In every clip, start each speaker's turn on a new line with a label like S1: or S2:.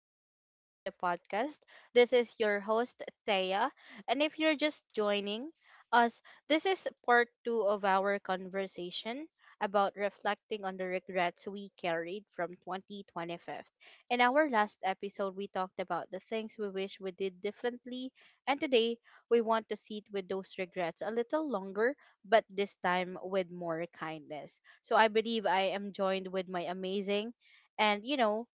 S1: Welcome back to the podcast. This is your host, Thea. And if you're just joining us, this is part two of our conversation about reflecting on the regrets we carried from 2025. In our last episode, we talked about the things we wish we did differently. And today, we want to sit with those regrets a little longer, but this time with more kindness. So I believe I am joined with my amazing and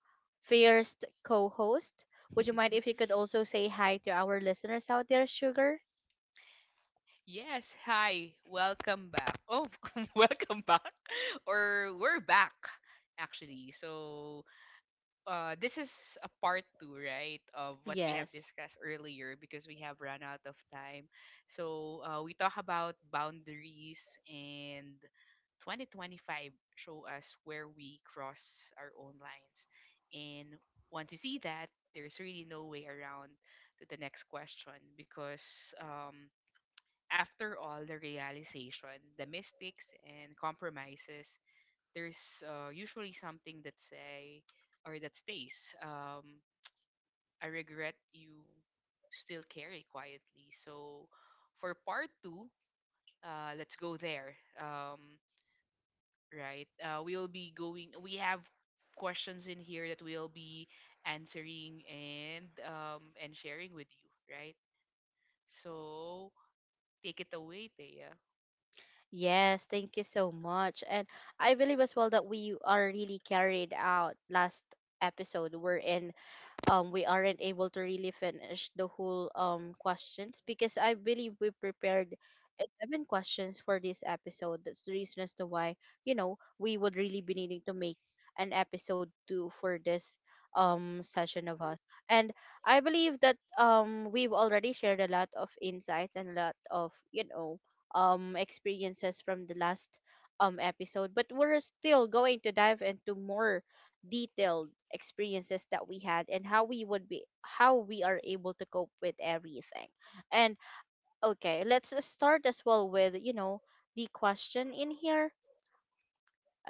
S1: fierce co-host. Would you mind if you could also say hi to our listeners out there, Sugar?
S2: Yes, hi. Welcome back. Oh, welcome back. Or we're back actually. So this is a part 2, right, of what we have
S1: Yes.
S2: discussed earlier because we have run out of time. So we talk about boundaries and 2025 show us where we cross our own lines. And once you see that, there's really no way around to the next question because um after all the realization, the mistakes and compromises, there's usually something that say or that stays. Um, I regret you still carry quietly. So for part two, let's go there. Right, we'll be going. We have questions in here that we'll be answering and and sharing with you. Right, so take it away, Thea.
S1: Yes, thank you so much. And I believe as well that we are really carried out last episode. We're in we aren't able to really finish the whole questions because I believe we prepared 11 questions for this episode. That's the reason as to why, you know, we would really be needing to make an episode 2 for this session of us. And I believe that we've already shared a lot of insights and a lot of, you know, experiences from the last episode, but we're still going to dive into more detailed experiences that we had and how we are able to cope with everything. And okay, let's start as well with, you know, the question in here.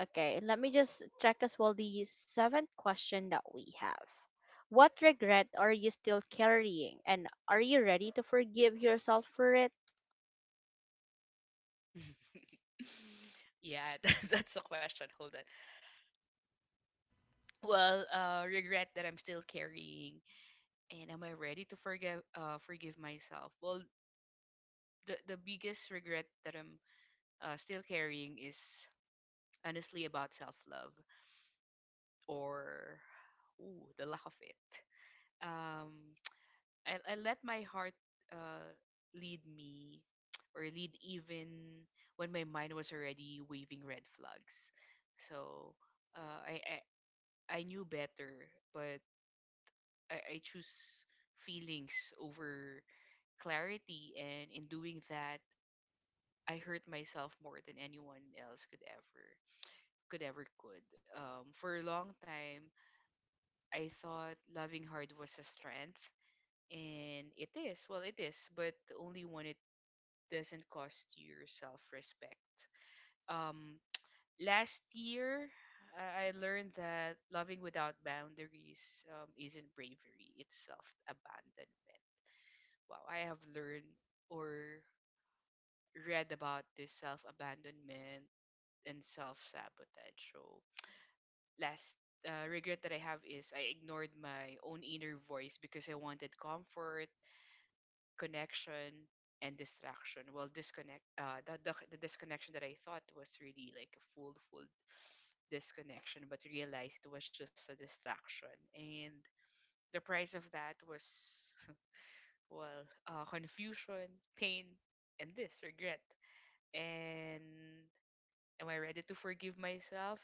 S1: Okay, let me just check as well the seventh question that we have. What regret are you still carrying, and are you ready to forgive yourself for it?
S2: Yeah, that's the question. Hold on. Well, regret that I'm still carrying, and am I ready to forgive myself? Well, the biggest regret that I'm still carrying is honestly about self love or ooh, the lack of it. Um, I let my heart uh lead me or lead even when my mind was already waving red flags. So uh, I, I I knew better, but I choose feelings over clarity, and in doing that, I hurt myself more than anyone else could ever could. For a long time, I thought loving hard was a strength, and it is. Well, it is, but only when it doesn't cost your self respect. Um, Last year, I learned that loving without boundaries isn't bravery, it's self abandonment. Wow, I have learned or read about this self abandonment and self sabotage. So, last regret that I have is I ignored my own inner voice because I wanted comfort, connection, and distraction. Well, disconnect. The disconnection that I thought was really like a full disconnection, but realized it was just a distraction. And the price of that was, confusion, pain, and this regret. And am I ready to forgive myself?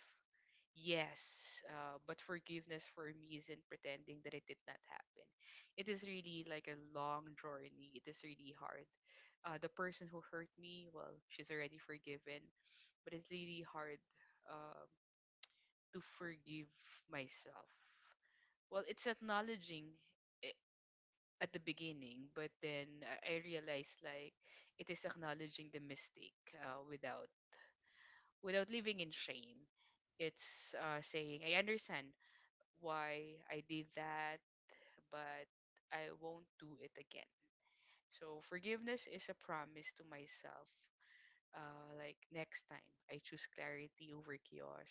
S2: Yes, but forgiveness for me isn't pretending that it did not happen. It is really like a long journey. It is really hard. The person who hurt me, well, she's already forgiven, but it's really hard. Um, to forgive myself. Well, it's acknowledging it at the beginning, but then I realized like it is acknowledging the mistake without living in shame. It's saying I understand why I did that, but I won't do it again. So forgiveness is a promise to myself. Like next time, I choose clarity over chaos.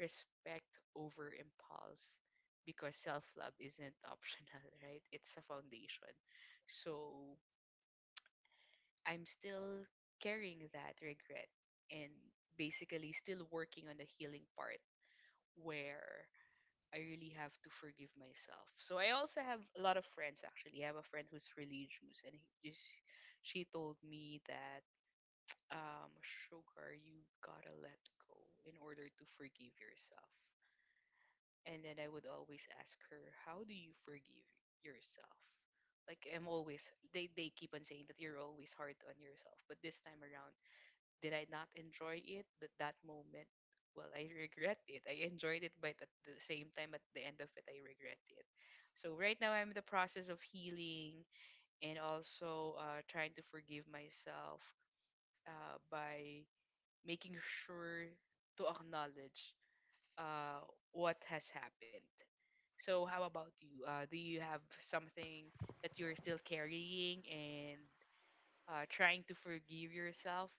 S2: Respect over impulse because self love isn't optional, right? It's a foundation. So I'm still carrying that regret and basically still working on the healing part where I really have to forgive myself. So I also have a lot of friends actually. I have a friend who's religious and he just she told me that um sugar you gotta let go in order to forgive yourself. And then I would always ask her, "How do you forgive yourself?" Like I'm always they keep on saying that you're always hard on yourself, but this time around, did I not enjoy it? That moment, well, I regret it. I enjoyed it, but at the same time, at the end of it, I regret it. So right now, I'm in the process of healing and also trying to forgive myself by making sure to acknowledge uh, what has happened. So how about you? Do you have something that you're still carrying and trying to forgive yourself?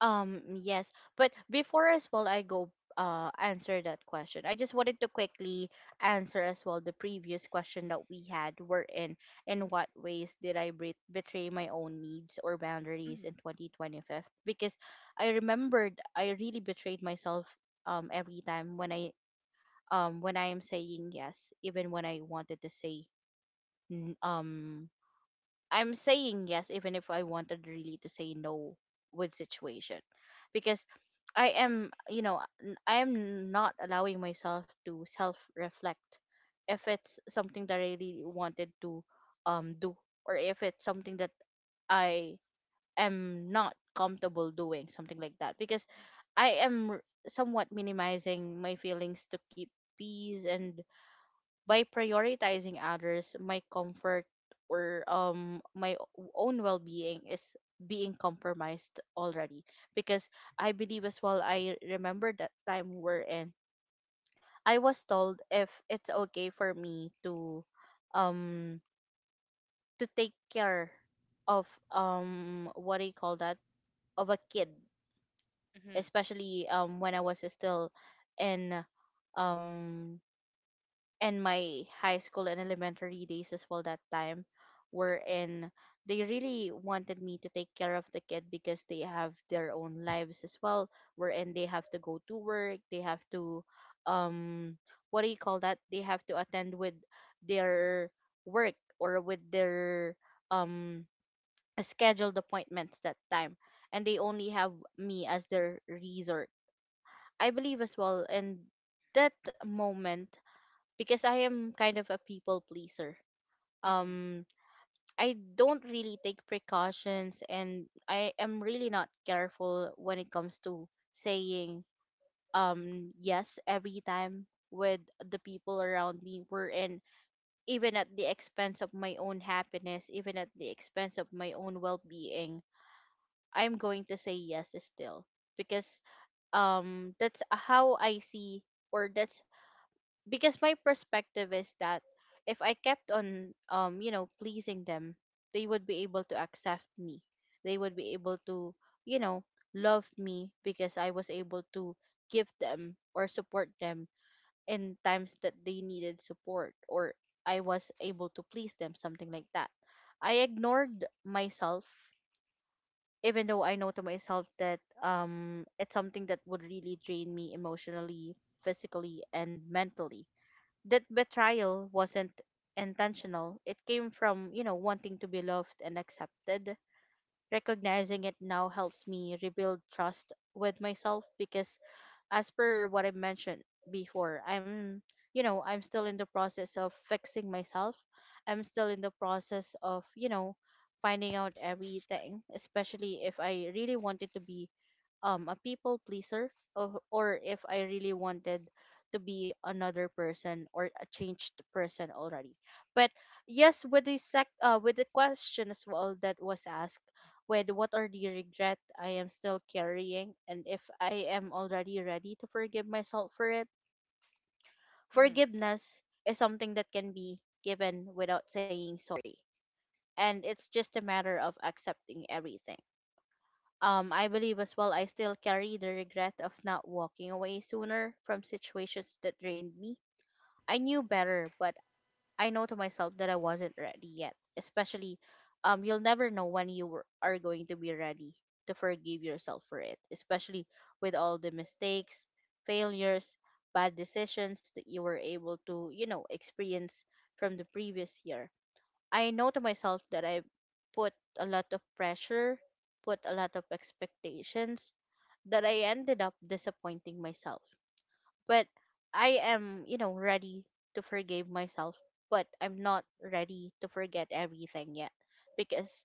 S1: Yes, but before as well I go answer that question, I just wanted to quickly answer as well the previous question that we had, were in what ways did I betray my own needs or boundaries in
S2: Mm-hmm.
S1: 2025? Because I remembered I really betrayed myself every time when I am saying yes, even when I wanted to say n- I'm saying yes, even if I wanted really to say no with situation, because I am, you know, I am not allowing myself to self reflect if it's something that I really wanted to do, or if it's something that I am not comfortable doing, something like that, because I am r- somewhat minimizing my feelings to keep peace. And by prioritizing others, my comfort or my own well-being is being compromised already, because I believe as well, I remember that time we're in I was told if it's okay for me um to take care of, what do you call that, of a kid,
S2: Mm-hmm.
S1: especially when I was still in, um and my high school and elementary days as well that time, were in they really wanted me to take care of the kid because they have their own lives as well, wherein they have to go to work, they have to, um what do you call that, they have to attend with their work or with their um scheduled appointments that time, and they only have me as their resort. I believe as well in that moment, because I am kind of a people pleaser.
S2: Mm-hmm.
S1: Um, I don't really take precautions, and I am really not careful when it comes to saying yes every time with the people around me, were in even at the expense of my own happiness, even at the expense of my own well-being, I'm going to say yes still, because that's how I see, or that's because my perspective is that if I kept on you know, pleasing them, they would be able to accept me. They would be able to, you know, love me because I was able to give them or support them in times that they needed support, or I was able to please them, something like that. I ignored myself even though I know to myself that it's something that would really drain me emotionally, physically and mentally. That betrayal wasn't intentional. It came from, you know, wanting to be loved and accepted. Recognizing it now helps me rebuild trust with myself because as per what I mentioned before, I'm, you know, I'm still in the process of fixing myself. I'm still in the process of, you know, finding out everything, especially if I really wanted to be a people pleaser, or if I really wanted to be another person or a changed person already. But yes, with the sec with the question as well that was asked, with what are the regret I am still carrying, and if I am already ready to forgive myself for it.
S2: Mm-hmm.
S1: Forgiveness is something that can be given without saying sorry. And it's just a matter of accepting everything. I believe as well I still carry the regret of not walking away sooner from situations that drained me. I knew better, but I know to myself that I wasn't ready yet. Especially, you'll never know when are going to be ready to forgive yourself for it. Especially with all the mistakes, failures, bad decisions that you were able to, you know, experience from the previous year. I know to myself that I put a lot of pressure, put a lot of expectations, that I ended up disappointing myself. But I am, you know, ready to forgive myself, but I'm not ready to forget everything yet, because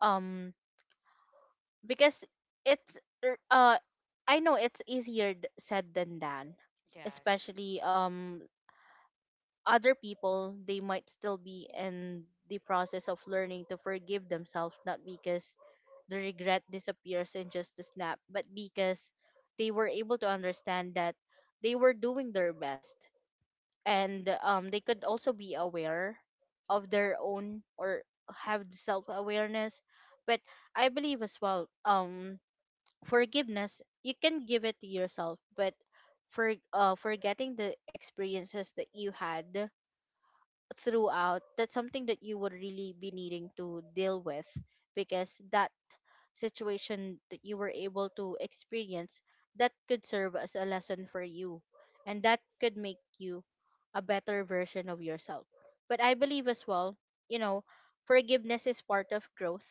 S1: um because it's er, uh I know it's easier said than done,
S2: Yes.
S1: especially other people, they might still be in the process of learning to forgive themselves, not because the regret disappears in just a snap, but because they were able to understand that they were doing their best, and they could also be aware of their own, or have self awareness. But I believe as well, forgiveness you can give it to yourself, but for forgetting the experiences that you had throughout, that's something that you would really be needing to deal with, because that situation that you were able to experience, that could serve as a lesson for you, and that could make you a better version of yourself. But I believe as well, you know, forgiveness is part of growth,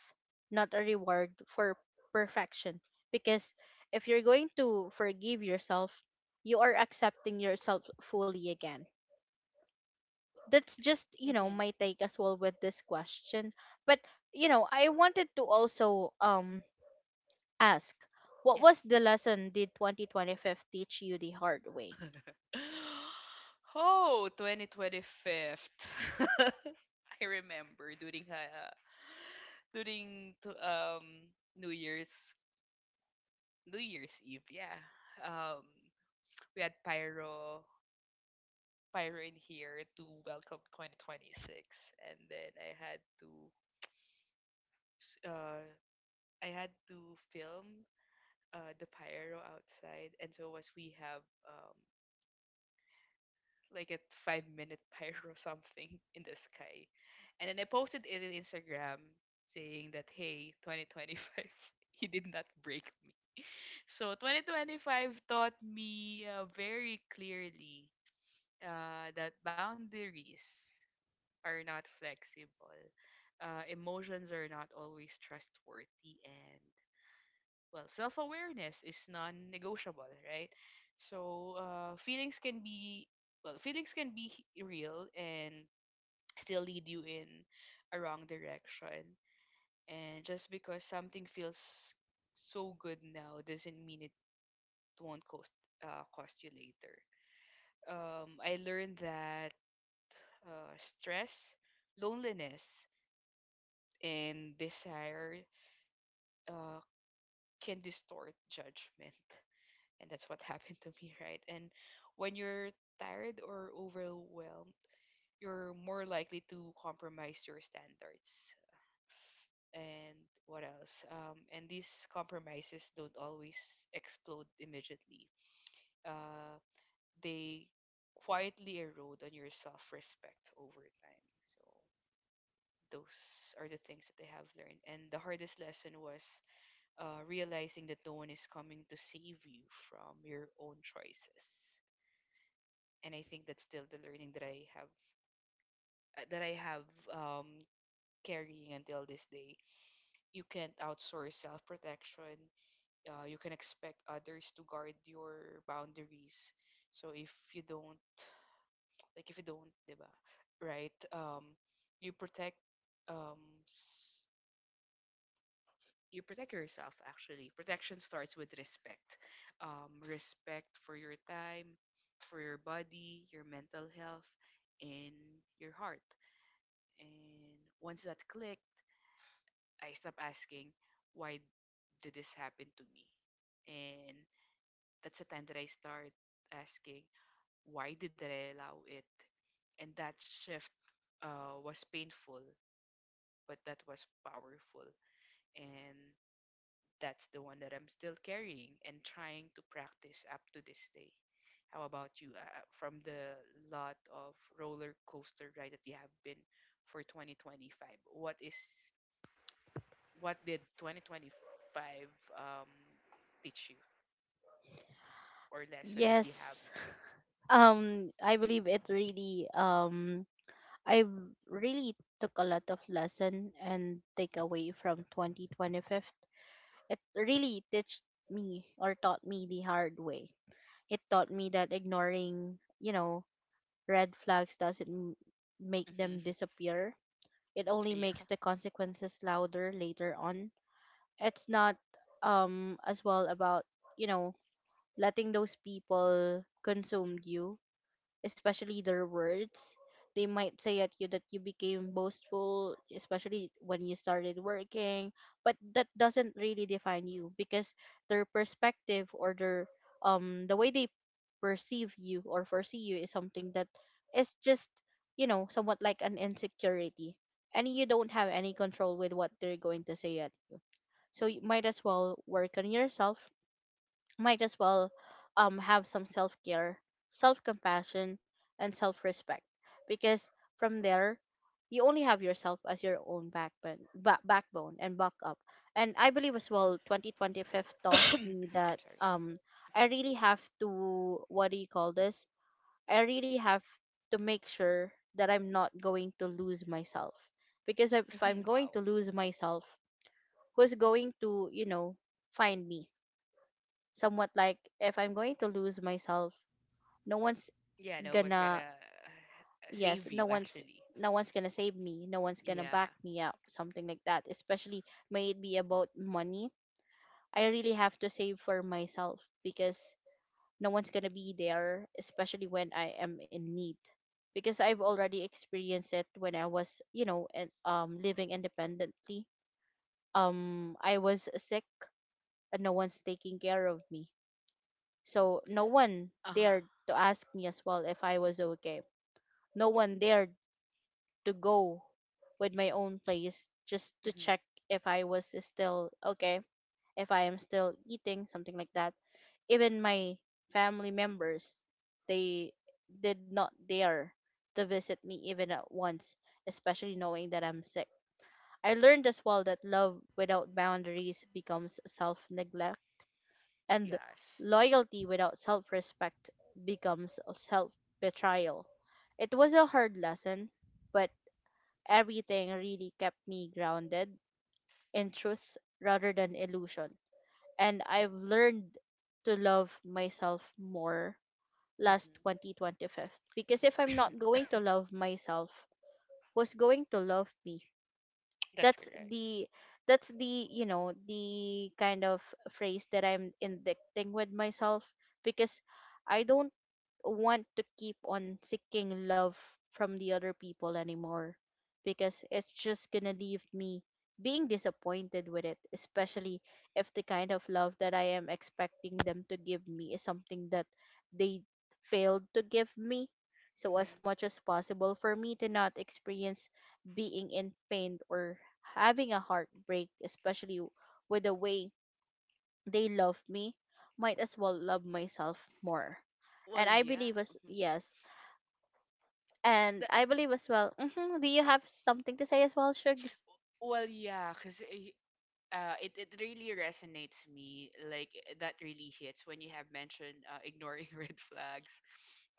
S1: not a reward for perfection, because if you're going to forgive yourself, you are accepting yourself fully again. That's just, you know,
S2: Mm-hmm.
S1: my take as well with this question. But you know, I wanted to also ask, what
S2: Yes.
S1: was the lesson did 2025 teach you the hard way?
S2: Oh, 2025. I remember during New Year's. New Year's Eve, yeah. Um, we had pyro. Pyro in here to welcome 2026, and then s- uh, I had to film the pyro outside, and so was we have like a 5 minute pyro something in the sky, and then I posted it in Instagram saying that hey 2025 he did not break me. So 2025 taught me very clearly that boundaries are not flexible. Emotions are not always trustworthy, and well, self awareness is non negotiable, right? So feelings can be real and still lead you in a wrong direction. And just because something feels so good now doesn't mean it won't cost you later. I learned that uh, stress, loneliness, and desire uh, can distort judgment. And that's what happened to me, right? And when you're tired or overwhelmed, you're more likely to compromise your standards. And what else? And these compromises don't always explode immediately. Uh, they quietly erode on your self-respect over time. So those are the things that I have learned. And the hardest lesson was realizing that no one is coming to save you from your own choices. And I think that's still the learning that I have carrying until this day. You can't outsource self protection. You can expect others to guard your boundaries. So if you don't, like if you don't, diba, right? You protect um, you protect yourself actually protection starts with respect, respect for your time, for your body, your mental health, and your heart. And once that clicked, I stopped asking why did this happen to me, and that's the time that I start asking why did I allow it. And that shift was painful but that was powerful. And that's the one that I'm still carrying and trying to practice up to this day. How about you? From the lot of roller coaster ride that you have been for 2025, what is what did 2025 um, teach you or lesson that you have?
S1: Yes, I believe it really I really took a lot of lesson and take away from 2025. It really teach me or taught me the hard way. It taught me that ignoring, you know, red flags doesn't make
S2: Mhm.
S1: them disappear. It only
S2: Yeah.
S1: makes the consequences louder later on. It's not as well about, you know, letting those people consume you, especially their words. They might say at you that you became boastful, especially when you started working, but that doesn't really define you, because their perspective, or their the way they perceive you or foresee you is something that is just, you know, somewhat like an insecurity, and you don't have any control with what they're going to say at you. So you might as well work on yourself, might as well have some self care, self compassion, and self respect. Because from there, you only have yourself as your own backbone, backbone and backup. And I believe as well, 2025 taught me
S2: I'm
S1: that,
S2: sorry. Mhm.
S1: I really have to, what do you call this, I really have to make sure that I'm not going to lose myself. Because if
S2: Mhm.
S1: I'm
S2: Wow.
S1: going to lose myself, who's going to, you know, find me? Somewhat like if I'm going to lose myself, no one's
S2: Yeah, no what's gonna
S1: gonna.
S2: save
S1: Yes,
S2: you actually.
S1: no one's gonna save me, no one's gonna
S2: Yeah.
S1: back me up, something like that. Especially, may it be about money, I really have to save for myself, because no one's gonna be there, especially when I am in need, because I've already experienced it when I was, you know, and living independently. I was sick and no one's taking care of me. So no one
S2: Uh huh.
S1: dared to ask me as well if I was okay. No one dared to go with my own place just to
S2: Mhm.
S1: check if I was still okay, if I am still eating, something like that. Even my family members, they did not dare to visit me even at once, especially knowing that I'm sick. I learned as well that love without boundaries becomes self neglect, and
S2: Yes.
S1: loyalty without self respect becomes self betrayal. It was a hard lesson, but everything really kept me grounded in truth rather than illusion. And I've learned to love myself more
S2: Mhm.
S1: last 2025, because if I'm not going to love myself, who's going to love me?
S2: That's
S1: that's
S2: correct.
S1: the that's the you know the kind of phrase that I'm indicting with myself because I don't want to keep on seeking love from the other people anymore because it's just gonna leave me being disappointed with it, especially if the kind of love that I am expecting them to give me is something that they failed to give me. So,
S2: Hmm.
S1: as much as possible, for me to not experience being in pain or having a heartbreak, especially with the way they love me, might as well love myself more.
S2: Well,
S1: And I
S2: yeah.
S1: believe as
S2: Mhm.
S1: yes, and
S2: That,
S1: I believe as well. Hmm, do you have something to say as well, Shugs?
S2: well, yeah, because it really resonates me. Like, eh, that really hits when you have mentioned ignoring red flags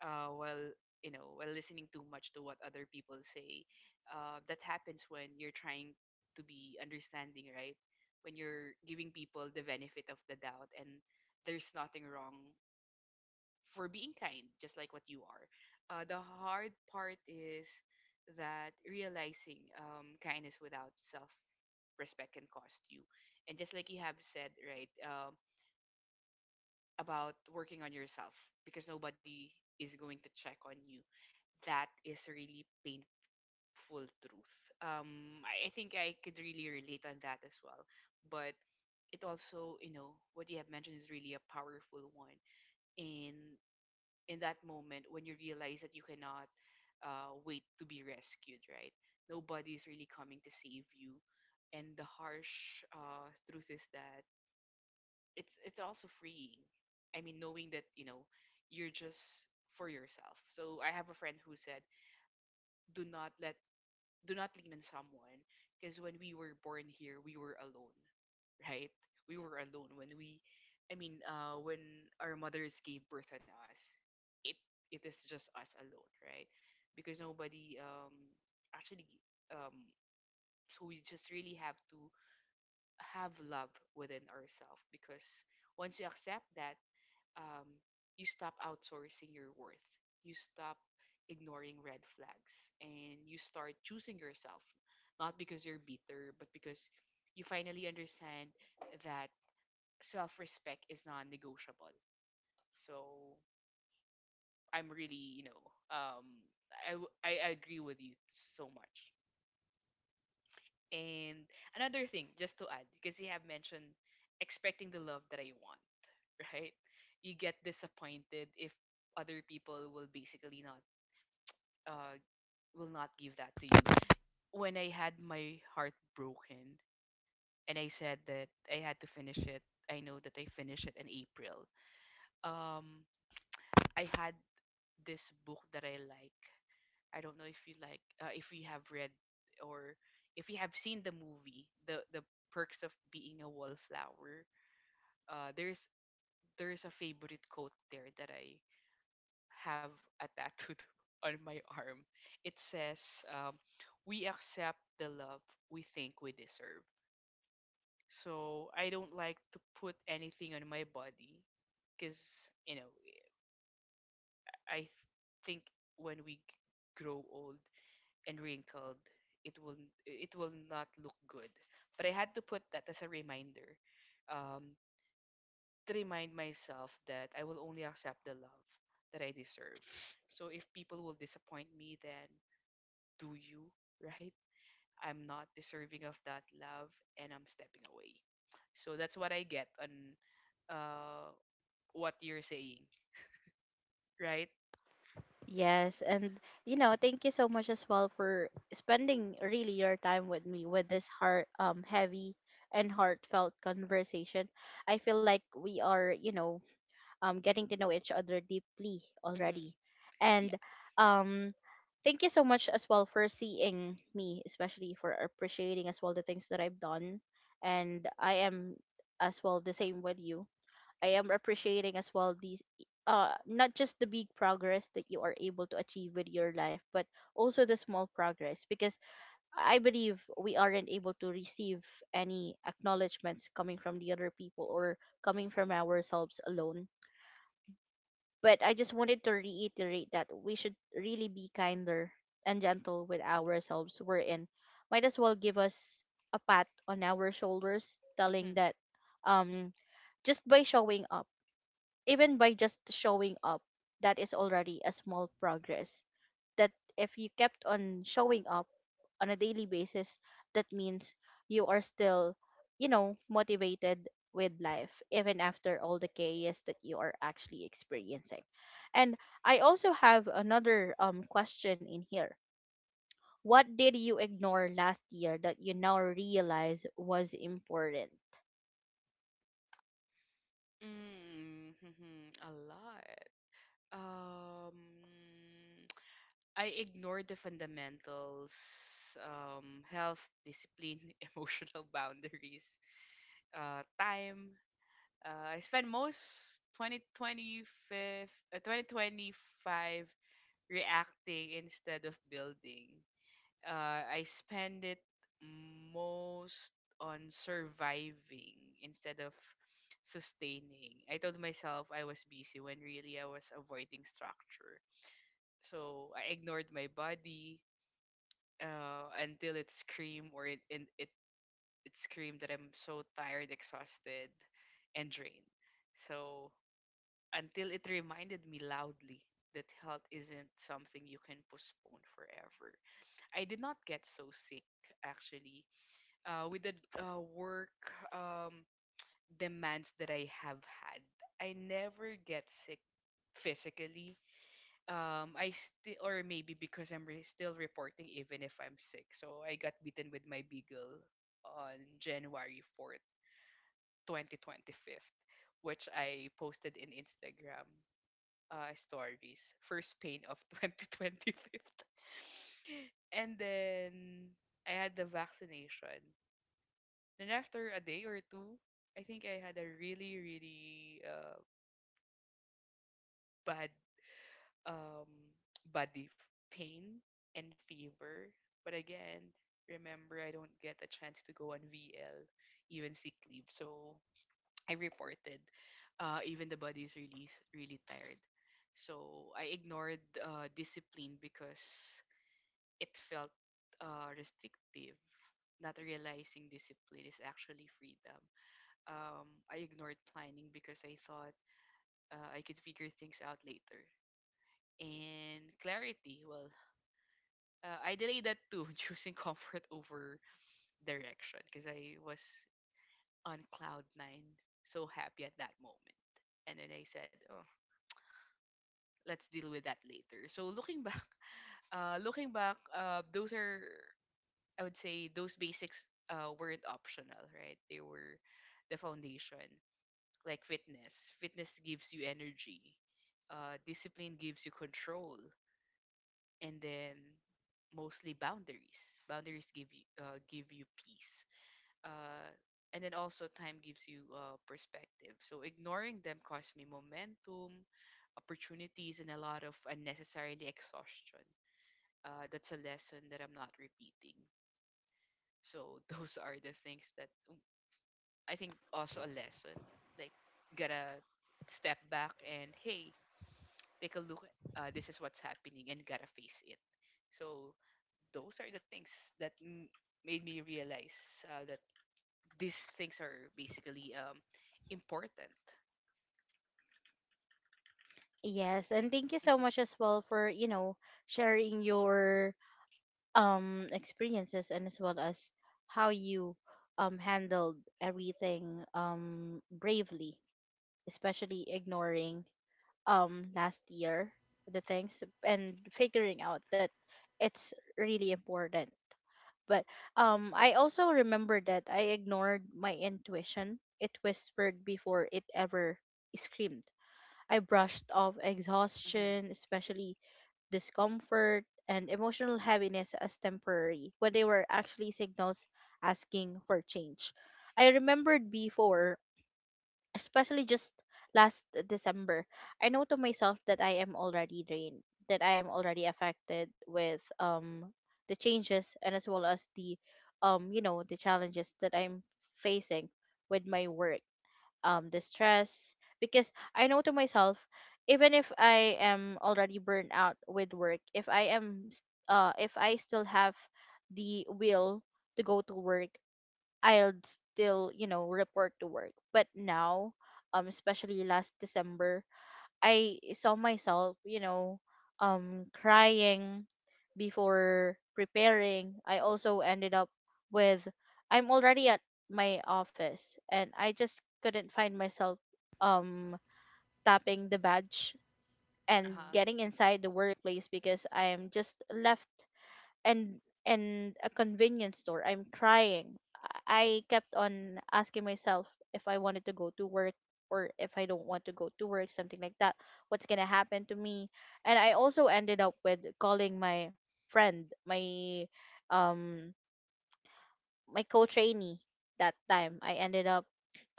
S2: while, you know, while listening too much to what other people say. That happens when you're trying to be understanding, right? When you're giving people the benefit of the doubt and there's nothing wrong for being kind, just like what you are. The hard part is that realizing kindness without self respect can cost you. And just like you have said, right, about working on yourself because nobody is going to check on you, that is a really painful truth. I think I could really relate on that as well. But it also, you know, what you have mentioned is really a powerful one. And in that moment when you realize that you cannot wait to be rescued, right? Nobody is really coming to save you, and the harsh truth is that it's also freeing. I mean, knowing that you know you're just for yourself. So I have a friend who said, "Do not let do not lean on someone because when we were born here we were alone, right? We were alone when we I mean when our mothers gave birth on us. It it is just us alone, right? because nobody actually um so we just really have to have love within ourselves, because once you accept that, um, you stop outsourcing your worth. You stop ignoring red flags and you start choosing yourself, not because you're bitter, but because you finally understand that self respect is non negotiable. So I'm really, you know, um, I, w- I agree with you so much. And another thing, just to add, because you have mentioned expecting the love that I want, right? You get disappointed if other people will basically not uh, will not give that to you. When I had my heart broken and I said that I had to finish it, I know that I finished it in April. Um, I had this book that I like. I don't know if you like, if you have read or if you have seen the movie, the perks of being a wallflower. Uh, there's there's a favorite quote there that I have a tattoo on my arm. It says, um, "We accept the love we think we deserve." So I don't like to put anything on my body, because you know, I th- think when grow old and wrinkled, it will it will not look good. But I had to put that as a reminder, um, to remind myself that I will only accept the love that I deserve. So if people will disappoint me, then do you, right? I'm not deserving of that love and I'm stepping away. So that's what I get on uh what you're saying, right?
S1: Yes, and you know, thank you so much as well for spending really your time with me with this heart heavy and heartfelt conversation. I feel like we are, you know, getting to know each other deeply
S2: Mhm.
S1: already. And
S2: Yes.
S1: um, thank you so much as well for seeing me, especially for appreciating as well the things that I've done. And I am as well the same with you. I am appreciating as well these not just the big progress that you are able to achieve with your life, but also the small progress, because I believe we aren't able to receive any acknowledgments coming from the other people or coming from ourselves alone. But I just wanted to reiterate that we should really be kinder and gentle with ourselves. We're in. Might as well give us a pat on our shoulders, telling
S2: Mhm.
S1: that um, just by showing up, even by just showing up, that is already a small progress that if you kept on showing up on a daily basis, that means you are still, you know, motivated with life, even after all the chaos that you are actually experiencing. And I also have another question in here. What did you ignore last year that you now realize was important?
S2: Mm-hmm. A lot. Um I ignore the fundamentals, health, discipline, emotional boundaries, time. I spend most 2025 reacting instead of building. I spend it most on surviving instead of sustaining. I told myself I was busy when really I was avoiding structure. So I ignored my body until it screamed or it screamed that I'm so tired, exhausted, and drained. So until it reminded me loudly that health isn't something you can postpone forever. I did not get so sick actually. With the work um, demands that I have had, I never get sick physically. I still, or maybe because I'm still reporting even if I'm sick. So I got bitten with my beagle on January 4th, 2025, which I posted in Instagram stories. First pain of 2025, and then I had the vaccination. Then after a day or two, I think I had a really, really bad um, body f- pain and fever. But again, remember, I don't get a chance to go on VL, even sick leave. So I reported, even the body is really really tired. So I ignored discipline because it felt restrictive. Not realizing discipline is actually freedom. I ignored planning because I thought I could figure things out later. And clarity, well, I delayed that too, choosing comfort over direction because I was on cloud nine, so happy at that moment. And then I said, oh, let's deal with that later. So looking back, looking back, those are I would say those basics weren't optional, right? They were the foundation, like fitness. Fitness gives you energy. Discipline gives you control, and then mostly boundaries. Boundaries give you peace uh, and then also time gives you perspective. So ignoring them costs me momentum, opportunities, and a lot of unnecessarily exhaustion. That's a lesson that I'm not repeating. So those are the things that I think also a lesson. Like gotta step back and hey, take a look. This is what's happening and gotta face it. So those are the things that made me realize that these things are basically important.
S1: Yes, and thank you so much
S2: Mm-hmm.
S1: as well for, you know, sharing your experiences and as well as how you handled everything bravely, especially ignoring last year the things and figuring out that it's really important. But I also remember that I ignored my intuition. It whispered before it ever screamed. I brushed off
S2: Mm-hmm.
S1: exhaustion, especially discomfort, and emotional heaviness as temporary, when they were actually signals asking for change. I remembered before, especially just last December, I know to myself that I am already drained, that I am already affected with the changes and as well as the you know the challenges that I'm facing with my work, the stress, because I know to myself even if I am already burned out with work, if I am if I still have the will to go to work, I'll still, you know, report to work. But now especially last December, I saw myself, you know, crying before preparing. I also ended up with, I'm already at my office and I just couldn't find myself um, tapping the badge and
S2: Uh-huh.
S1: getting inside the workplace, because I am just left and and a convenience store. I'm crying. I kept on asking myself if I wanted to go to work or if I don't want to go to work, something like that. What's gonna happen to me? And I also ended up with calling my friend, my um my co-trainee. That time I ended up,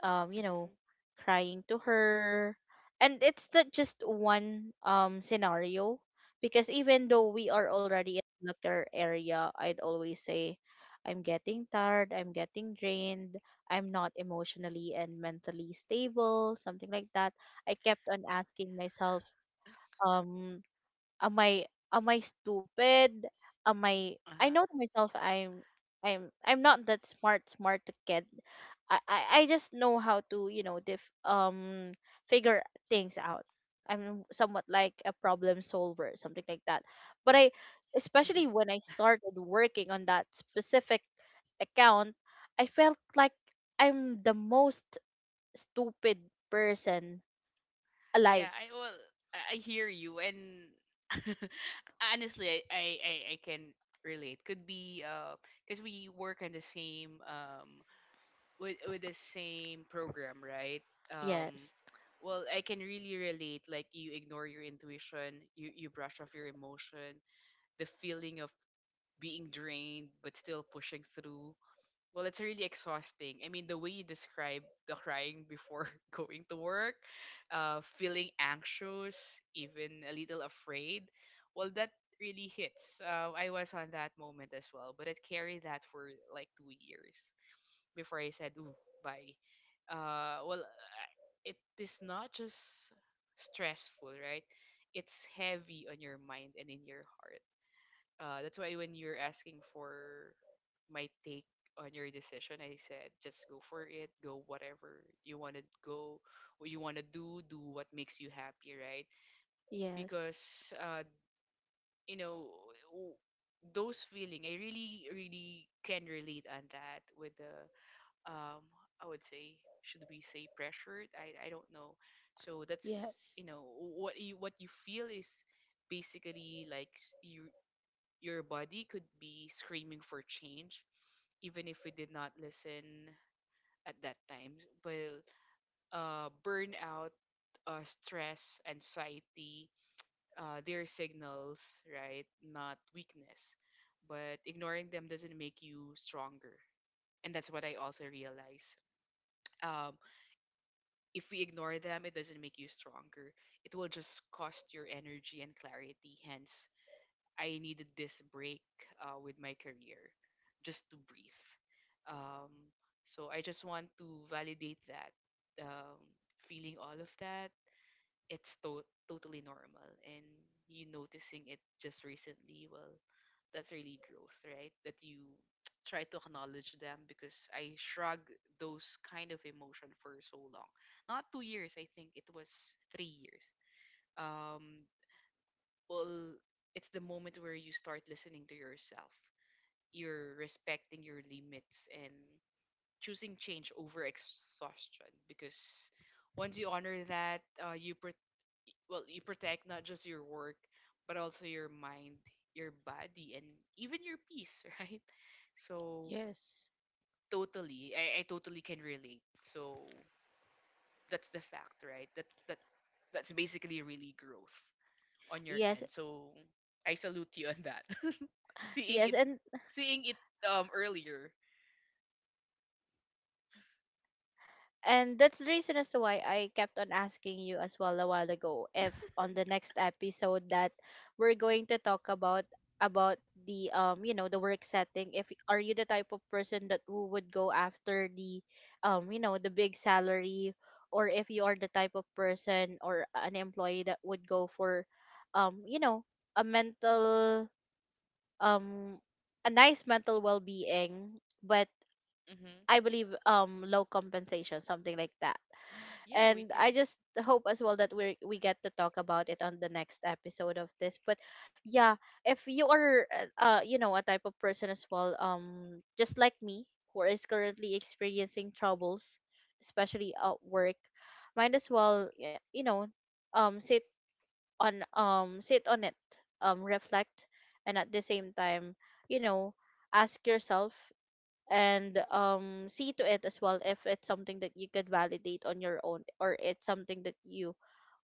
S1: you know,
S2: Mm-hmm.
S1: crying to her. And it's not just one scenario, because even though we are already in the doctor area, I'd always say I'm getting tired, I'm getting drained, I'm not emotionally and mentally stable, something like that. I kept on asking myself, um am I, am I stupid? Am I,
S2: Uh-huh.
S1: know to myself I'm I'm not that smart kid. I just know how to, you know, figure things out. I'm somewhat like a problem solver, something like that. But I, especially
S2: Mm-hmm.
S1: when I started working on that specific account, I felt like I'm the most stupid person
S2: Yeah,
S1: alive.
S2: I well I hear you, and honestly I can relate. Could be because we work on the same with the same program, right? Um
S1: Yes.
S2: well, I can really relate. Like you ignore your intuition, you brush off your emotion, the feeling of being drained but still pushing through. Well, it's really exhausting. I mean, the way you describe the crying before going to work, feeling anxious, even a little afraid, well, that really hits. I was on that moment as well, but it carried that for like 2 years before I said, ooh, bye. Uh, well, I- it is not just stressful, right? It's heavy on your mind and in your heart. That's why when you're asking for my take on your decision, I said just go for it, go whatever you want to go, what you want to do, do what makes you happy, right?
S1: Yes.
S2: Because uh, you know w- those feeling, I really, really can relate on that with the um, I would say should we say pressured? I don't know. So that's
S1: Yes.
S2: you know what you feel is basically your body could be screaming for change, even if we did not listen at that time. But burnout, stress, anxiety, they're signals, right? Not weakness. But ignoring them doesn't make you stronger. And that's what I also realize. Um, if we ignore them, it doesn't make you stronger. It will just cost your energy and clarity, hence I needed this break with my career just to breathe. Um, so I just want to validate that um, feeling all of that. It's totally normal, and you noticing it just recently. Well, that's really growth, right? That you try to acknowledge them, because I shrug those kind of emotion for so long. Not 2 years, I think it was 3 years. Um, well, it's the moment where you start listening to yourself, you're respecting your limits, and choosing change over exhaustion, because once you honor that well, you protect not just your work but also your mind, your body, and even your peace, right? So
S1: Yes.
S2: totally I totally can relate. So that's the fact, right? That that's basically really growth on your
S1: Yes.
S2: end. So I salute you on that. Seeing
S1: Yes.
S2: it,
S1: And
S2: seeing it earlier.
S1: and that's the reason as to why I kept on asking you as well a while ago if on the next episode that we're going to talk about the you know the work setting, if are you the type of person that who would go after the you know the big salary, or if you are the type of person or an employee that would go for you know a mental um a nice mental well-being, but
S2: Mm-hmm.
S1: I believe low compensation, something like that.
S2: Yeah, we
S1: And
S2: could.
S1: I just hope as well that we get to talk about it on the next episode of this. But yeah, if you are you know, a type of person as well, just like me, who is currently experiencing troubles, especially at work, might as well you know um sit sit on it, reflect, and at the same time, you know, ask yourself, and see to it as well if it's something that you could validate on your own, or it's something that you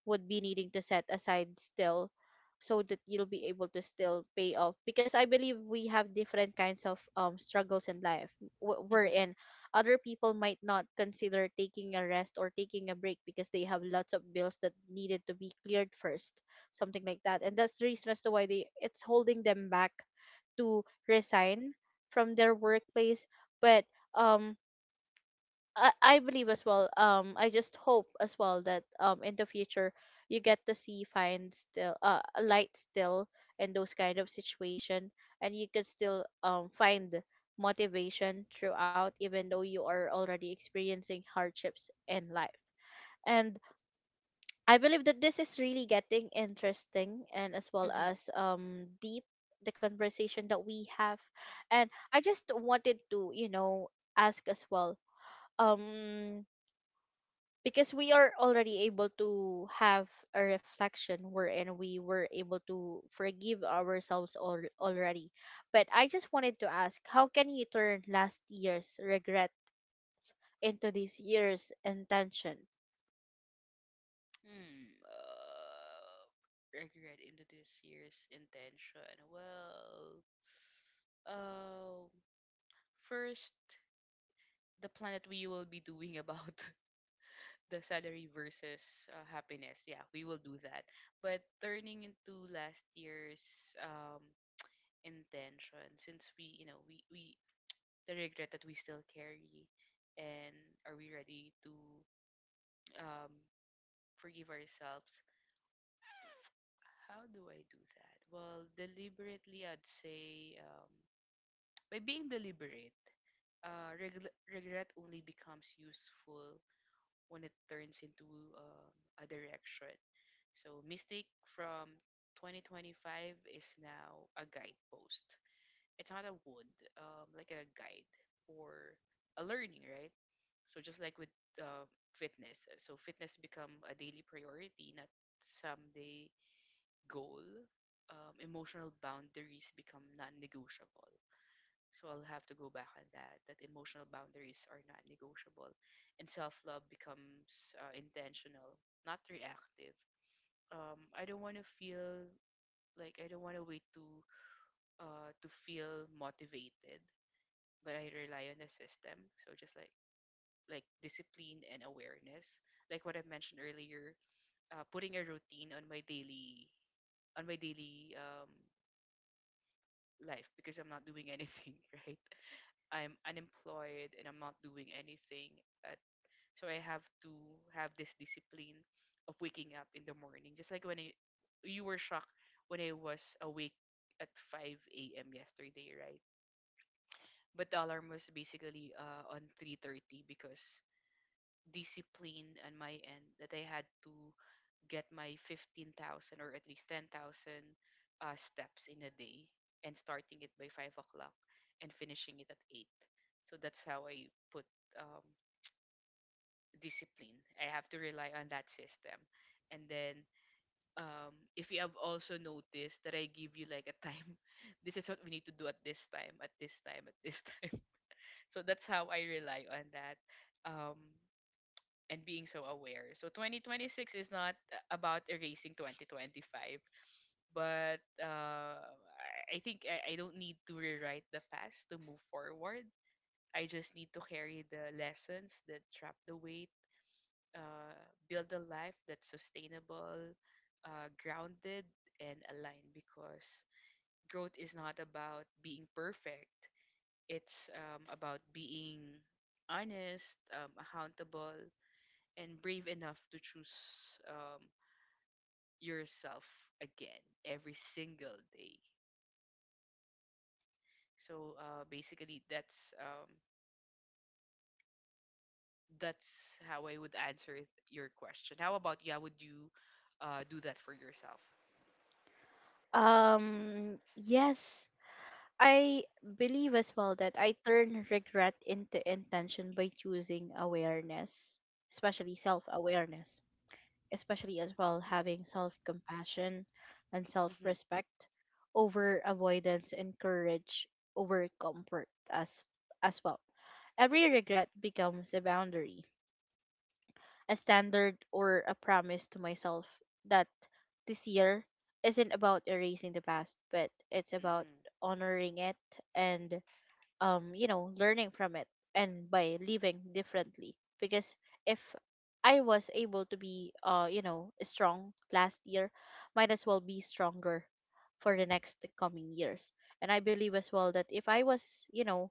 S1: would be needing to set aside still, so that you'll be able to still pay off, because I believe we have different kinds of struggles in life
S2: Mm-hmm.
S1: wherein other people might not consider taking a rest or taking a break because they have lots of bills that needed to be cleared first, something like that. And that's the reason as to why they, it's holding them back to resign from their workplace. But um I believe as well, I just hope as well that in the future you get to see fine still a light still in those kind of situation, and you can still find motivation throughout, even though you are already experiencing hardships in life. And I believe that this is really getting interesting, and as well
S2: Mm-hmm.
S1: as deep, the conversation that we have. And I just wanted to, you know, ask as well, um because we are already able to have a reflection wherein we were able to forgive ourselves already. But I just wanted to ask, how can you turn last year's regrets into this year's intention?
S2: Hmm. Regret into this year's intention. Well, um, first the plan that we will be doing about the salary versus happiness. Yeah, we will do that. But turning into last year's um intention, since we the regret that we still carry, and are we ready to um, forgive ourselves, how do I do that? Well, deliberately, I'd say, by being deliberate. Regret only becomes useful when it turns into a direction. So mistake from 2025 is now a guidepost. It's not a wood, like a guide or a learning, right? So just like with uh, fitness, so fitness become a daily priority, not someday goal. Emotional boundaries become non-negotiable. So I'll have to go back on that. That emotional boundaries are not negotiable, and self-love becomes intentional, not reactive. I don't want to feel like I don't want to wait to feel motivated, but I rely on the system. So just like discipline and awareness, like what I mentioned earlier, putting a routine on my daily life, because I'm not doing anything, right? I'm unemployed and I'm not doing anything. So I have to have this discipline of waking up in the morning, just like you were shocked when I was awake at 5 a.m. yesterday, right? But the alarm was basically on 3:30, because discipline on my end, that I had to get my 15,000, or at least 10,000 steps in a day, and starting it by 5 o'clock and finishing it at 8. So that's how I put um, discipline. I have to rely on that system. And then if you have also noticed that I give you like a time, this is what we need to do at this time, at this time, at this time. So that's how I rely on that. Um, and being so aware. So 2026 is not about erasing 2025, but I think I don't need to rewrite the past to move forward. I just need to carry the lessons that trap the weight, uh, build a life that's sustainable, grounded, and aligned, because growth is not about being perfect. It's about being honest, accountable, and brave enough to choose yourself again every single day. So basically, that's that's how I would your question. How about you? How would you do that for yourself?
S1: Yes, I believe as well that I turn regret into intention by choosing awareness, especially self-awareness, especially as well having self compassion and self
S2: Mm-hmm,
S1: respect over avoidance, and courage over comfort as well. Every regret becomes a boundary, a standard, or a promise to myself that this year isn't about erasing the past, but it's about
S2: mm-hmm,
S1: honoring it and, you know, learning from it, and by living differently. Because if I was able to be, you know, strong last year, might as well be stronger for the next coming years. And I believe as well that if I was, you know,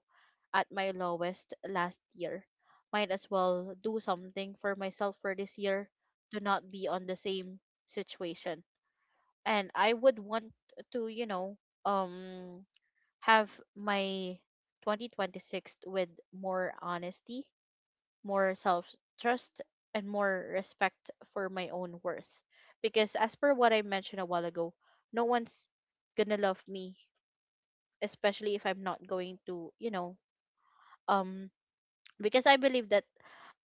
S1: at my lowest last year, might as well do something for myself for this year to not be on the same situation. And I would want to, you know, um have my 2026 with more honesty, more self-trust, and more respect for my own worth. Because as per what I mentioned a while ago, no one's gonna love me, especially if I'm not going to, you know, um because I believe that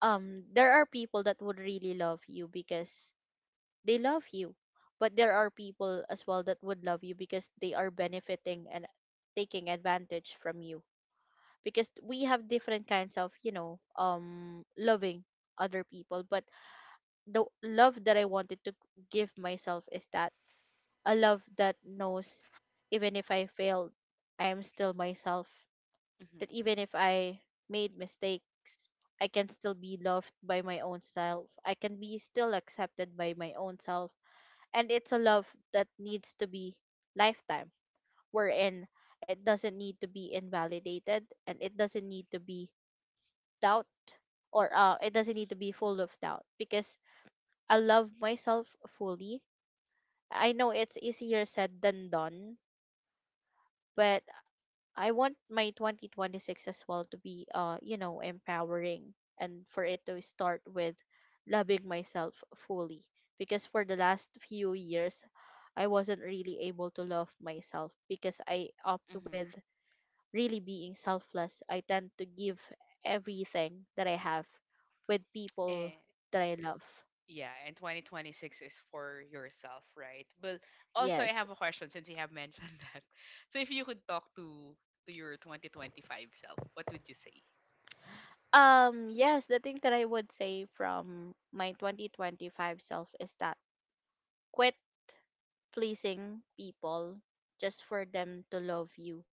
S1: there are people that would really love you because they love you, but there are people as well that would love you because they are benefiting and taking advantage from you, because we have different kinds of, you know, loving other people. But the love that I wanted to give myself is that, a love that knows even if I failed, I am still myself, that
S2: mm-hmm,
S1: even if I made mistakes, I can still be loved by my own self, I can be still accepted by my own self. And it's a love that needs to be lifetime, wherein it doesn't need to be invalidated, and it doesn't need to be doubt, or it doesn't need to be full of doubt, because I love myself fully. I know it's easier said than done, but I want my 2026 as well to be, you know, empowering, and for it to start with loving myself fully. Because for the last few years I wasn't really able to love myself because I opt
S2: mm-hmm.
S1: with really being selfless. I tend to give everything that I have with people
S2: And
S1: that I love.
S2: yeah, and 2026 is for yourself, right? But also, I
S1: Yes.
S2: have a question since you have mentioned that. So if you could talk to your 2025 self, what would you say?
S1: Yes, the thing that I would say from my 2025 self is that quit pleasing people just for them to love you.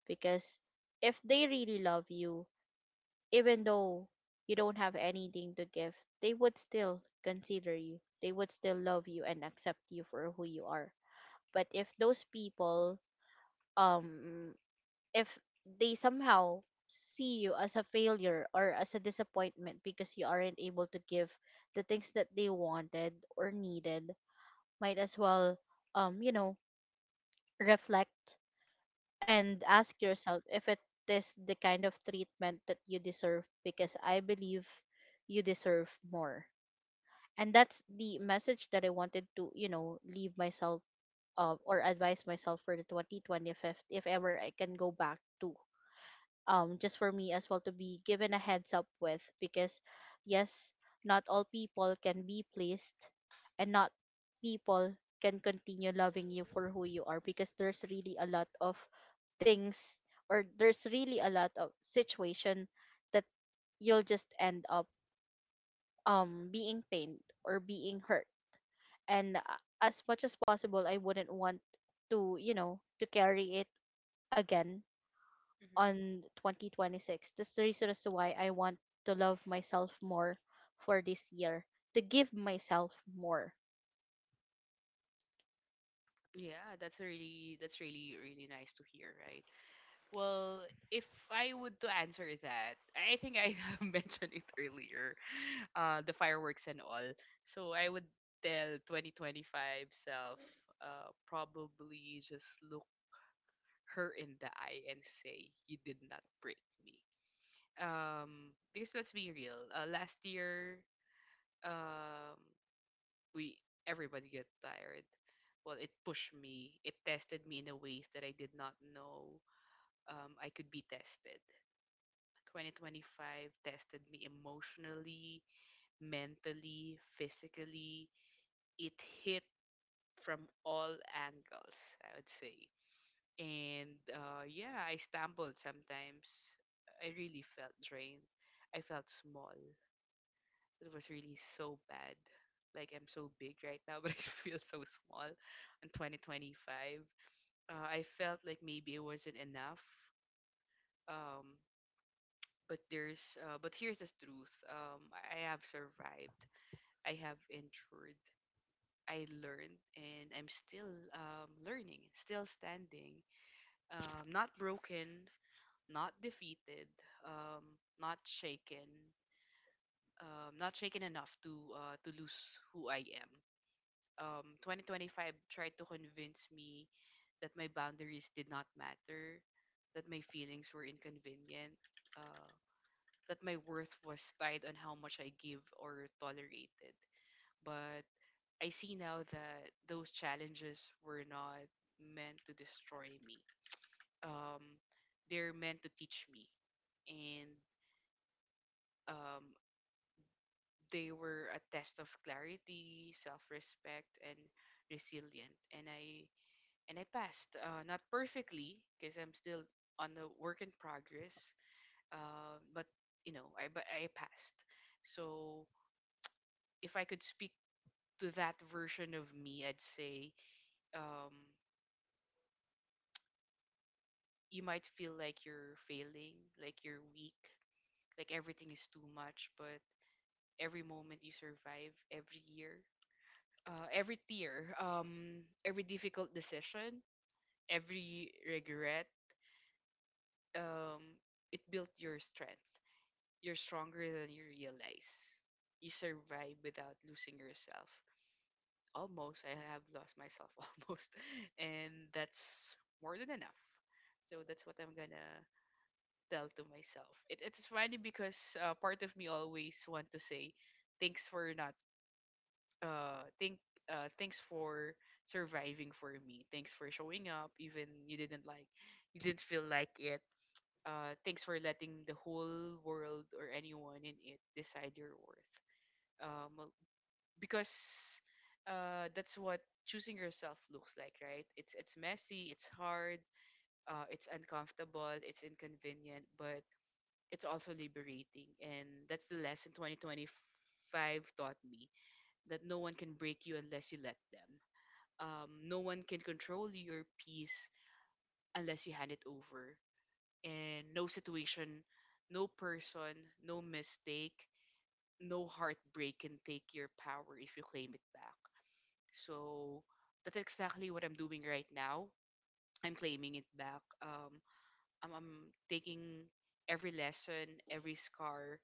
S1: Because if they really love you, even though you don't have anything to give, they would still consider you. They would still love you and accept you for who you are. But if those people, um, if they somehow see you as a failure or as a disappointment because you aren't able to give the things that they wanted or needed, might as well, um, you know, reflect and ask yourself if it is the kind of treatment that you deserve, because I believe you deserve more. And that's the message that I wanted to, leave myself, or advise myself for the 2025, if ever I can go back to, um, just for me as well to be given a heads up with, because yes, not all people can be pleased, and not people can continue loving you for who you are, because there's really a lot of things, or there's really a lot of situation that you'll just end up, um, being pained or being hurt. And as much as possible, I wouldn't want to, to carry it again on 2026. That's the reason as to why I want to love myself more for this year, to give myself more.
S2: Yeah, that's a really that's really really nice to hear, right? Well, if I would to answer that, I think I have mentioned it earlier, the fireworks and all. So I would tell 2025 self, probably just look her in the eye and say, "You did not break me." Because let's be real, last year, um, we everybody get tired. Well, it pushed me. It tested me in a ways that I did not know I could be tested. 2025 tested me emotionally, mentally, physically. It hit from all angles, I would say. And yeah, I stumbled sometimes. I really felt drained. I felt small. It was really so bad. Like I'm so big right now, but I feel so small in 2025. I felt like maybe it wasn't enough. Um, but there's but here's the truth. I have survived. I have endured. I learned, and I'm still learning, still standing, not broken, not defeated, not shaken, not shaken enough to lose who I am. 2025 tried to convince me that my boundaries did not matter, that my feelings were inconvenient, uh, that my worth was tied on how much I give or tolerated. But I see now that those challenges were not meant to destroy me. Um, they're meant to teach me. And um, they were a test of clarity, self respect, and resilient. And I passed. Not perfectly, because I'm still on a work in progress. Uh, but but I passed. So if I could speak to that version of me, I'd say um, you might feel like you're failing, like you're weak, like everything is too much. But every moment you survive, every year, every tear, every difficult decision, every regret, um, it built your strength. You're stronger than you realize. You survive without losing yourself. Almost, I have lost myself almost, and that's more than enough. So that's what I'm gonna tell to myself. It's funny because part of me always want to say, "Thanks for not, think, thanks for surviving for me. Thanks for showing up, even you didn't like, you didn't feel like it. Thanks for letting the whole world or anyone in it decide your worth. Well, because that's what choosing yourself looks like, right? It's messy, it's hard, it's uncomfortable, it's inconvenient, but it's also liberating." And that's the lesson 2025 taught me, that no one can break you unless you let them. No one can control your peace unless you hand it over. And no situation, no person, no mistake, no heartbreak can take your power if you claim it back. So that's exactly what I'm doing right now. I'm claiming it back. I'm taking every lesson, every scar,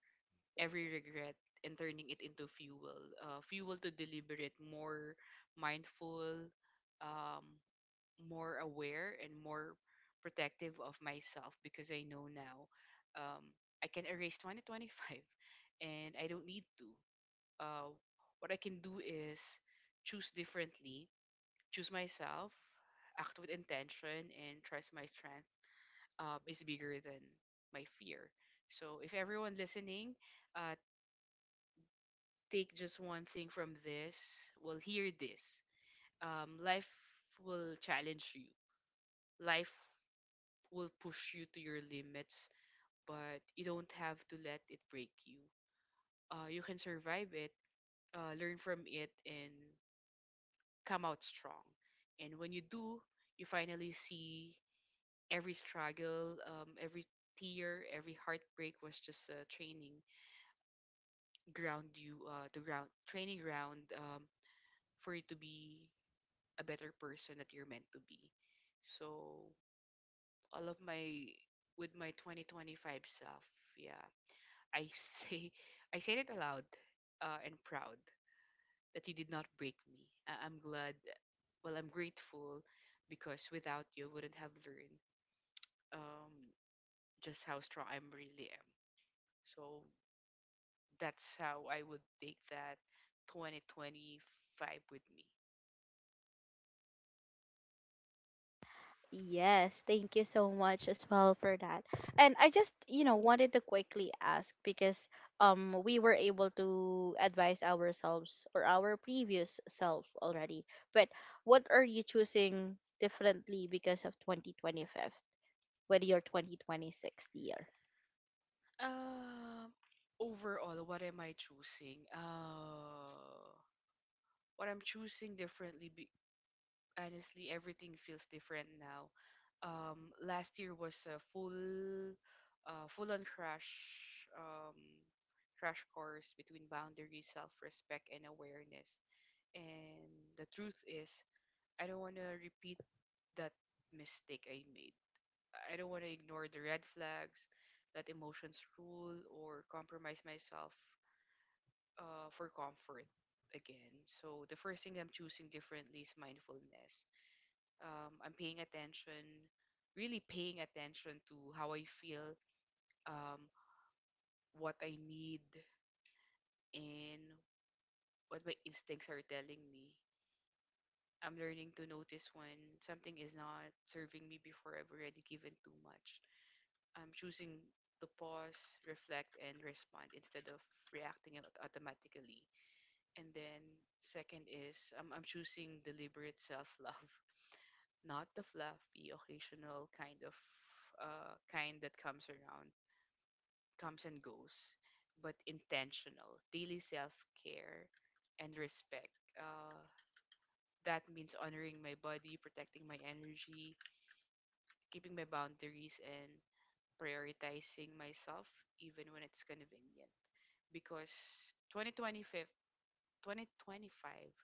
S2: every regret, and turning it into fuel. Fuel to deliberate, more mindful, um, more aware and more protective of myself, because I know now um, I can erase 2025 and I don't need to. Uh, what I can do is choose differently, choose myself, act with intention, and trust my strength is bigger than my fear. So if everyone listening, uh, take just one thing from this, will hear this. Life will challenge you. Life will push you to your limits, but you don't have to let it break you. You can survive it, learn from it, and come out strong. And when you do, you finally see every struggle, every tear, every heartbreak was just training ground you, the ground training ground for you to be a better person that you're meant to be. So all of my with my 2025 self, yeah, I say, I said it aloud and proud that you did not break me. I'm glad, well, I'm grateful because without you, I wouldn't have learned um, just how strong I am really am. So that's how I would take that 2025 with me.
S1: Yes, thank you so much as well for that. And I just, wanted to quickly ask, because um, we were able to advise ourselves or our previous self already. But what are you choosing differently because of 2025 with your 2026 year?
S2: Um, overall, what am I choosing? What I'm choosing differently be honestly, everything feels different now. Last year was a full on um, crash course between boundaries, self respect, and awareness. And the truth is, I don't want to repeat that mistake I made. I don't want to ignore the red flags, let emotions rule, or compromise myself for comfort again. So the first thing I'm choosing differently is mindfulness. I'm paying attention, really paying attention to how I feel, um, what I need, and what my instincts are telling me. I'm learning to notice when something is not serving me before I've already given too much. I'm choosing to pause, reflect, and respond instead of reacting automatically. And then, second is, I'm choosing deliberate self love. Not the fluffy occasional kind that comes and goes, but intentional daily self-care and respect, uh, that means honoring my body, protecting my energy, keeping my boundaries, and prioritizing myself even when it's convenient, because 2025 2025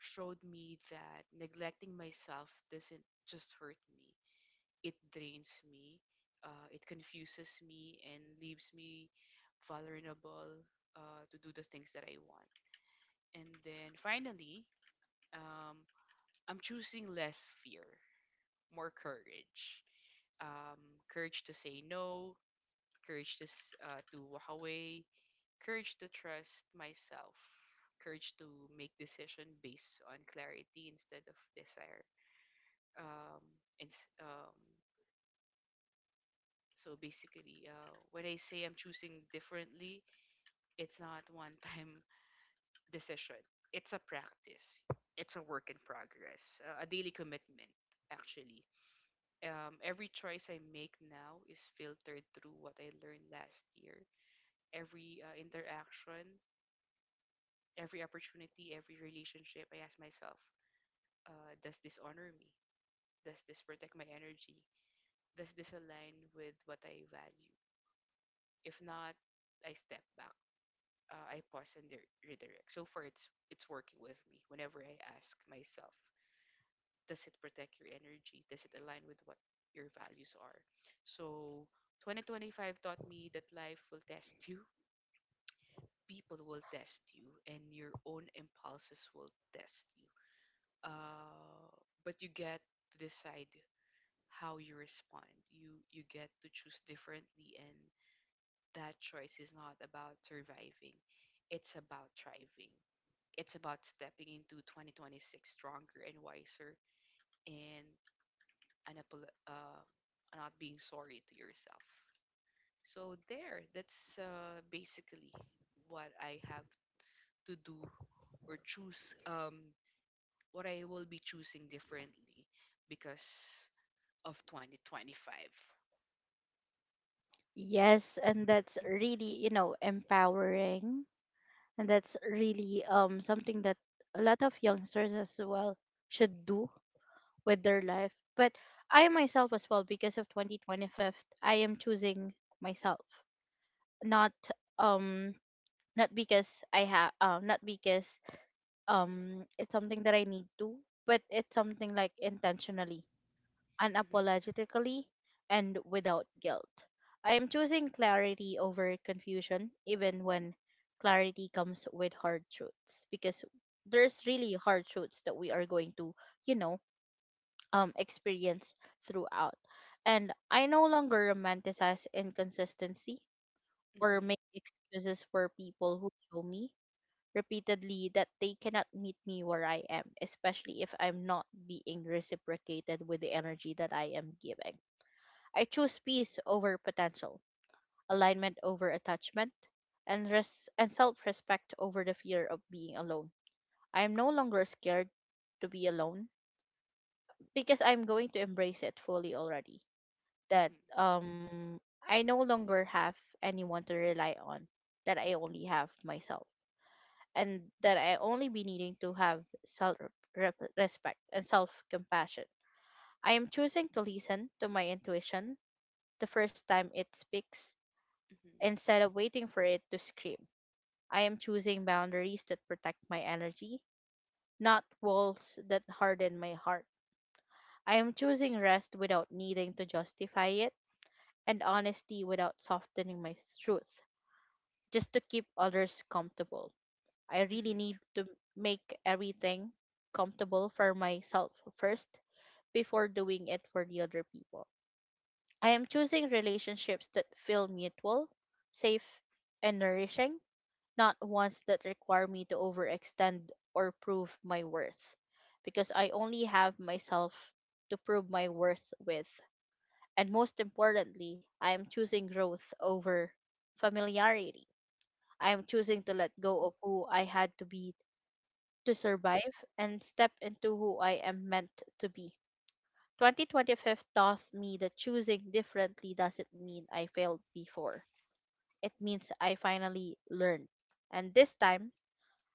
S2: showed me that neglecting myself doesn't just hurt me, it drains me, it confuses me, and leaves me vulnerable to do the things that I want. And then finally, um, I'm choosing less fear, more courage. Courage to say no, courage to walk away, courage to trust myself, courage to make decision based on clarity instead of desire. Um, and, um, so basically, when I say I'm choosing differently, it's not one time decision. It's a practice. It's a work in progress, a daily commitment, actually. Every choice I make now is filtered through what I learned last year. Every interaction, every opportunity, every relationship, I ask myself, does this honor me? Does this protect my energy? Does this align with what I value? If not, I step back, I pause and redirect. So far, it's working with me. Whenever I ask myself, does it protect your energy? Does it align with what your values are? So 2025 taught me that life will test you, people will test you, and your own impulses will test you. Uh, but you get to decide how you respond. You get to choose differently, and that choice is not about surviving. It's about thriving. It's about stepping into 2026 stronger and wiser and unapol- uh, not being sorry to yourself. So there, that's basically what I have to do or choose, um, what I will be choosing differently because of 2025.
S1: Yes, and that's
S2: Mhm.
S1: really, empowering. And that's really um, something that a lot of youngsters as well should do with their life. But I myself as well, because of 2025, I am choosing myself. Not um not because it's something that I need to, but it's something like intentionally,
S2: Mhm.
S1: unapologetically, and without guilt. I am choosing clarity over confusion, even when clarity comes with hard truths, because there's really hard truths that we are going to, you know, experience throughout. And I no longer romanticize inconsistency or
S2: Mhm.
S1: make excuses for people who show me repeatedly that they cannot meet me where I am, especially if I'm not being reciprocated with the energy that I am giving. I choose peace over potential, alignment over attachment, and self-respect over the fear of being alone. I am no longer scared to be alone, because I'm going to embrace it fully already. That
S2: Mhm.
S1: um, I no longer have anyone to rely on, that I only have myself, and that I only be needing to have self respect and self compassion. I am choosing to listen to my intuition the first time it speaks,
S2: Mhm.
S1: instead of waiting for it to scream. I am choosing boundaries that protect my energy, not walls that harden my heart. I am choosing rest without needing to justify it, and honesty without softening my truth, just to keep others comfortable. I really
S2: mhm,
S1: need
S2: tr-
S1: to make everything comfortable for myself first, before doing it for the other people. I am choosing relationships that feel mutual, safe, and nourishing, not ones that require me to overextend or prove my worth, because I only have myself to prove my worth with. And most importantly, I am choosing growth over familiarity. I am choosing to
S2: mhm.
S1: let go of who I had to be to survive, and step into who I am meant to be. 2025 taught me that choosing differently doesn't mean I failed before. It means I finally learned. And this time,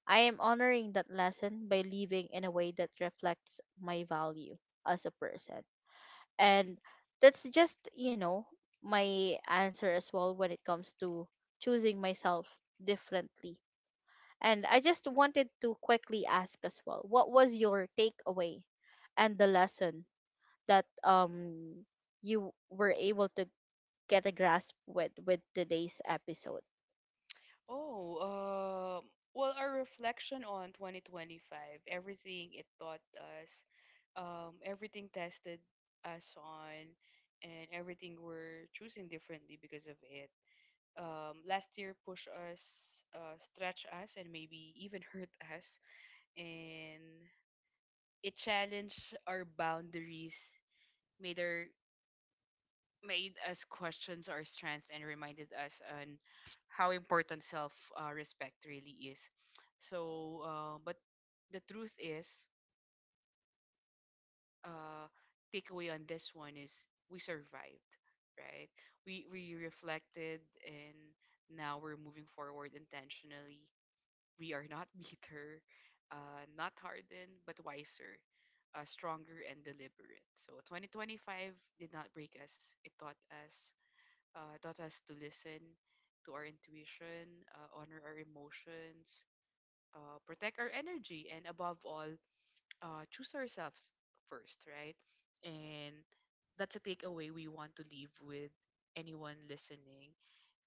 S1: I am honoring that lesson by living in a way that reflects my value as a person. And
S2: Mhm.
S1: that's just, my answer as well when it comes to choosing myself differently. And I just wanted to quickly ask as well, what was your takeaway and the lesson that um, you were able to get a grasp with today's episode?
S2: Oh, well, our reflection on 2025, everything it taught us, everything tested us on, and everything we're choosing differently because of it. Last year pushed us, stretch us, and maybe even hurt us, and it challenged our boundaries, made our made us question our strength and reminded us on how important self respect really is. So, but the truth is, uh, takeaway on this one is we survived, right? We reflected and now we're moving forward intentionally. We are not bitter, not hardened, but wiser, stronger and deliberate. So 2025 did not break us; it us taught us to listen to our intuition, honor our emotions, protect our energy, and above all, choose ourselves first, right? And that's a takeaway we want to leave with anyone listening.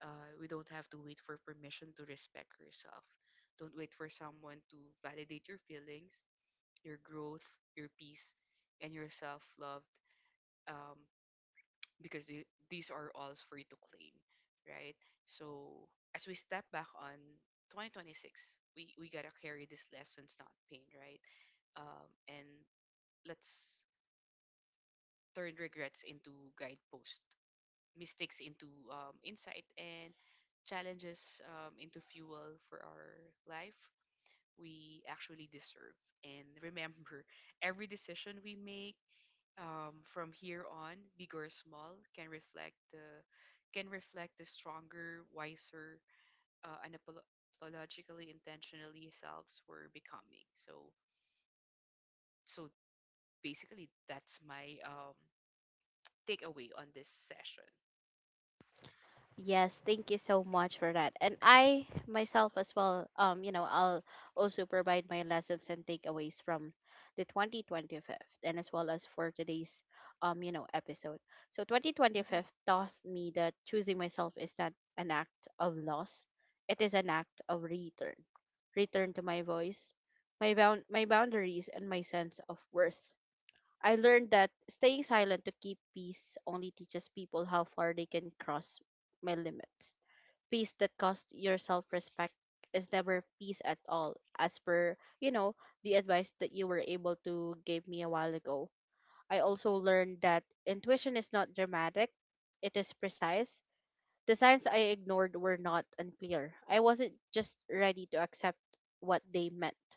S2: We don't have to wait for permission to respect yourself. Don't wait for someone to validate your feelings, your growth, your peace, and your self love. Um, because these are all free to claim, right? So as we step back on 2026, we gotta carry these lessons, not pain, right? And let's turn regrets into guideposts, mistakes into insight, and challenges into fuel for our life we actually deserve. And remember, every decision we make, from here on, big or small, can reflect the stronger, wiser, unapologetically intentionally selves we're becoming. So basically, that's my takeaway on this session.
S1: Yes, thank you so much for that. And I myself as well, I'll also provide my lessons and takeaways from the 2025, and as well as for today's episode. So twenty twenty
S2: Hmm.
S1: fifth taught me that choosing myself is not an act of loss. It is an act of return. Return to my voice, my boundaries, and my sense of worth. I learned that staying silent to keep peace only teaches people how far they can cross my limits. Peace that costs your self respect is never peace at all, as per, you know, the advice that you were able to give me a while ago. I also learned that intuition is not dramatic, it is precise. The signs I ignored were not unclear. I wasn't just ready to accept what they meant.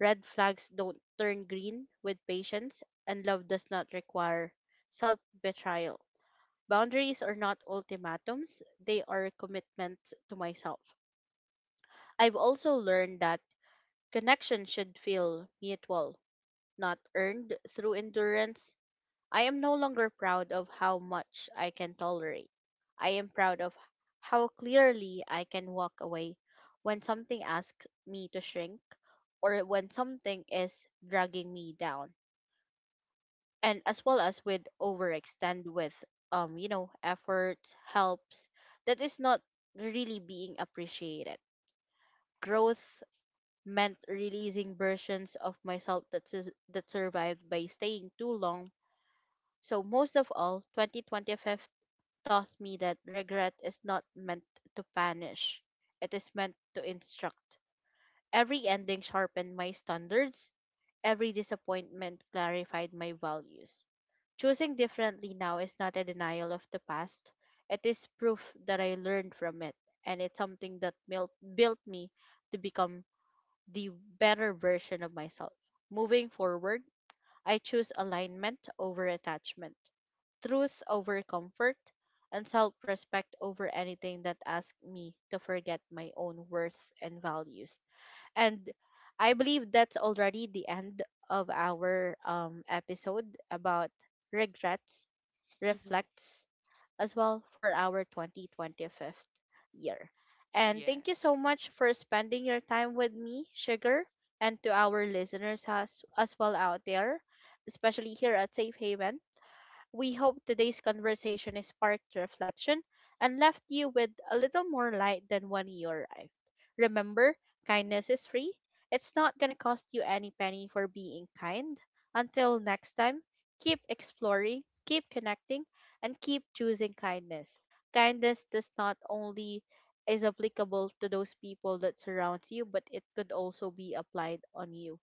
S1: Red flags don't turn green with patience, and love does not require self betrayal. Boundaries are not ultimatums, they are commitments to myself. I've also learned that connection should feel mutual, not earned through endurance. I am no longer proud of how much I can tolerate. I am proud of how clearly I can walk away when something asks me to shrink, or when something is dragging me down. And as well as with overextend with um, efforts helps that is not really being appreciated. Growth meant releasing versions of myself that survived by staying too long. So most of all, 2025 taught me that regret is not meant to punish, it is meant to instruct. Every ending sharpened my standards, every disappointment clarified my values. Choosing differently now is not a denial of the past. It is proof that I learned from it, and it's something that built me to become the better version of myself. Moving forward, I choose alignment over attachment, truth over comfort, and self respect over anything that asks me to forget my own worth and values. And I believe that's already the end of our episode about regrets
S2: Hmm.
S1: reflects as well for our 2025 year. And thank you so
S2: Yes.
S1: much for spending your time with me, Sugar, and to our listeners as well out there, especially here at Safe Haven. We hope today's conversation has sparked reflection and left you with a little more light than when you arrived. Remember, kindness is free. It's not going to cost you any penny for being kind. Until next time, keep exploring, keep connecting, and keep choosing kindness. Kindness does not only is applicable to those people that surrounds you, but it could also be applied on you.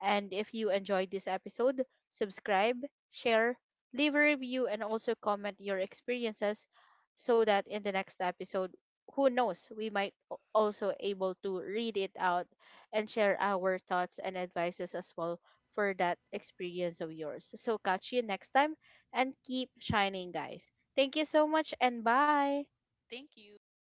S1: And if you enjoyed this episode, subscribe, share, leave a review, and also comment your experiences, so that in the next episode, who knows, we might also able to read it out and share our thoughts and advices as well for that experience of yours. So catch you next time, and keep shining guys. Thank you so much, and bye.
S2: Thank you.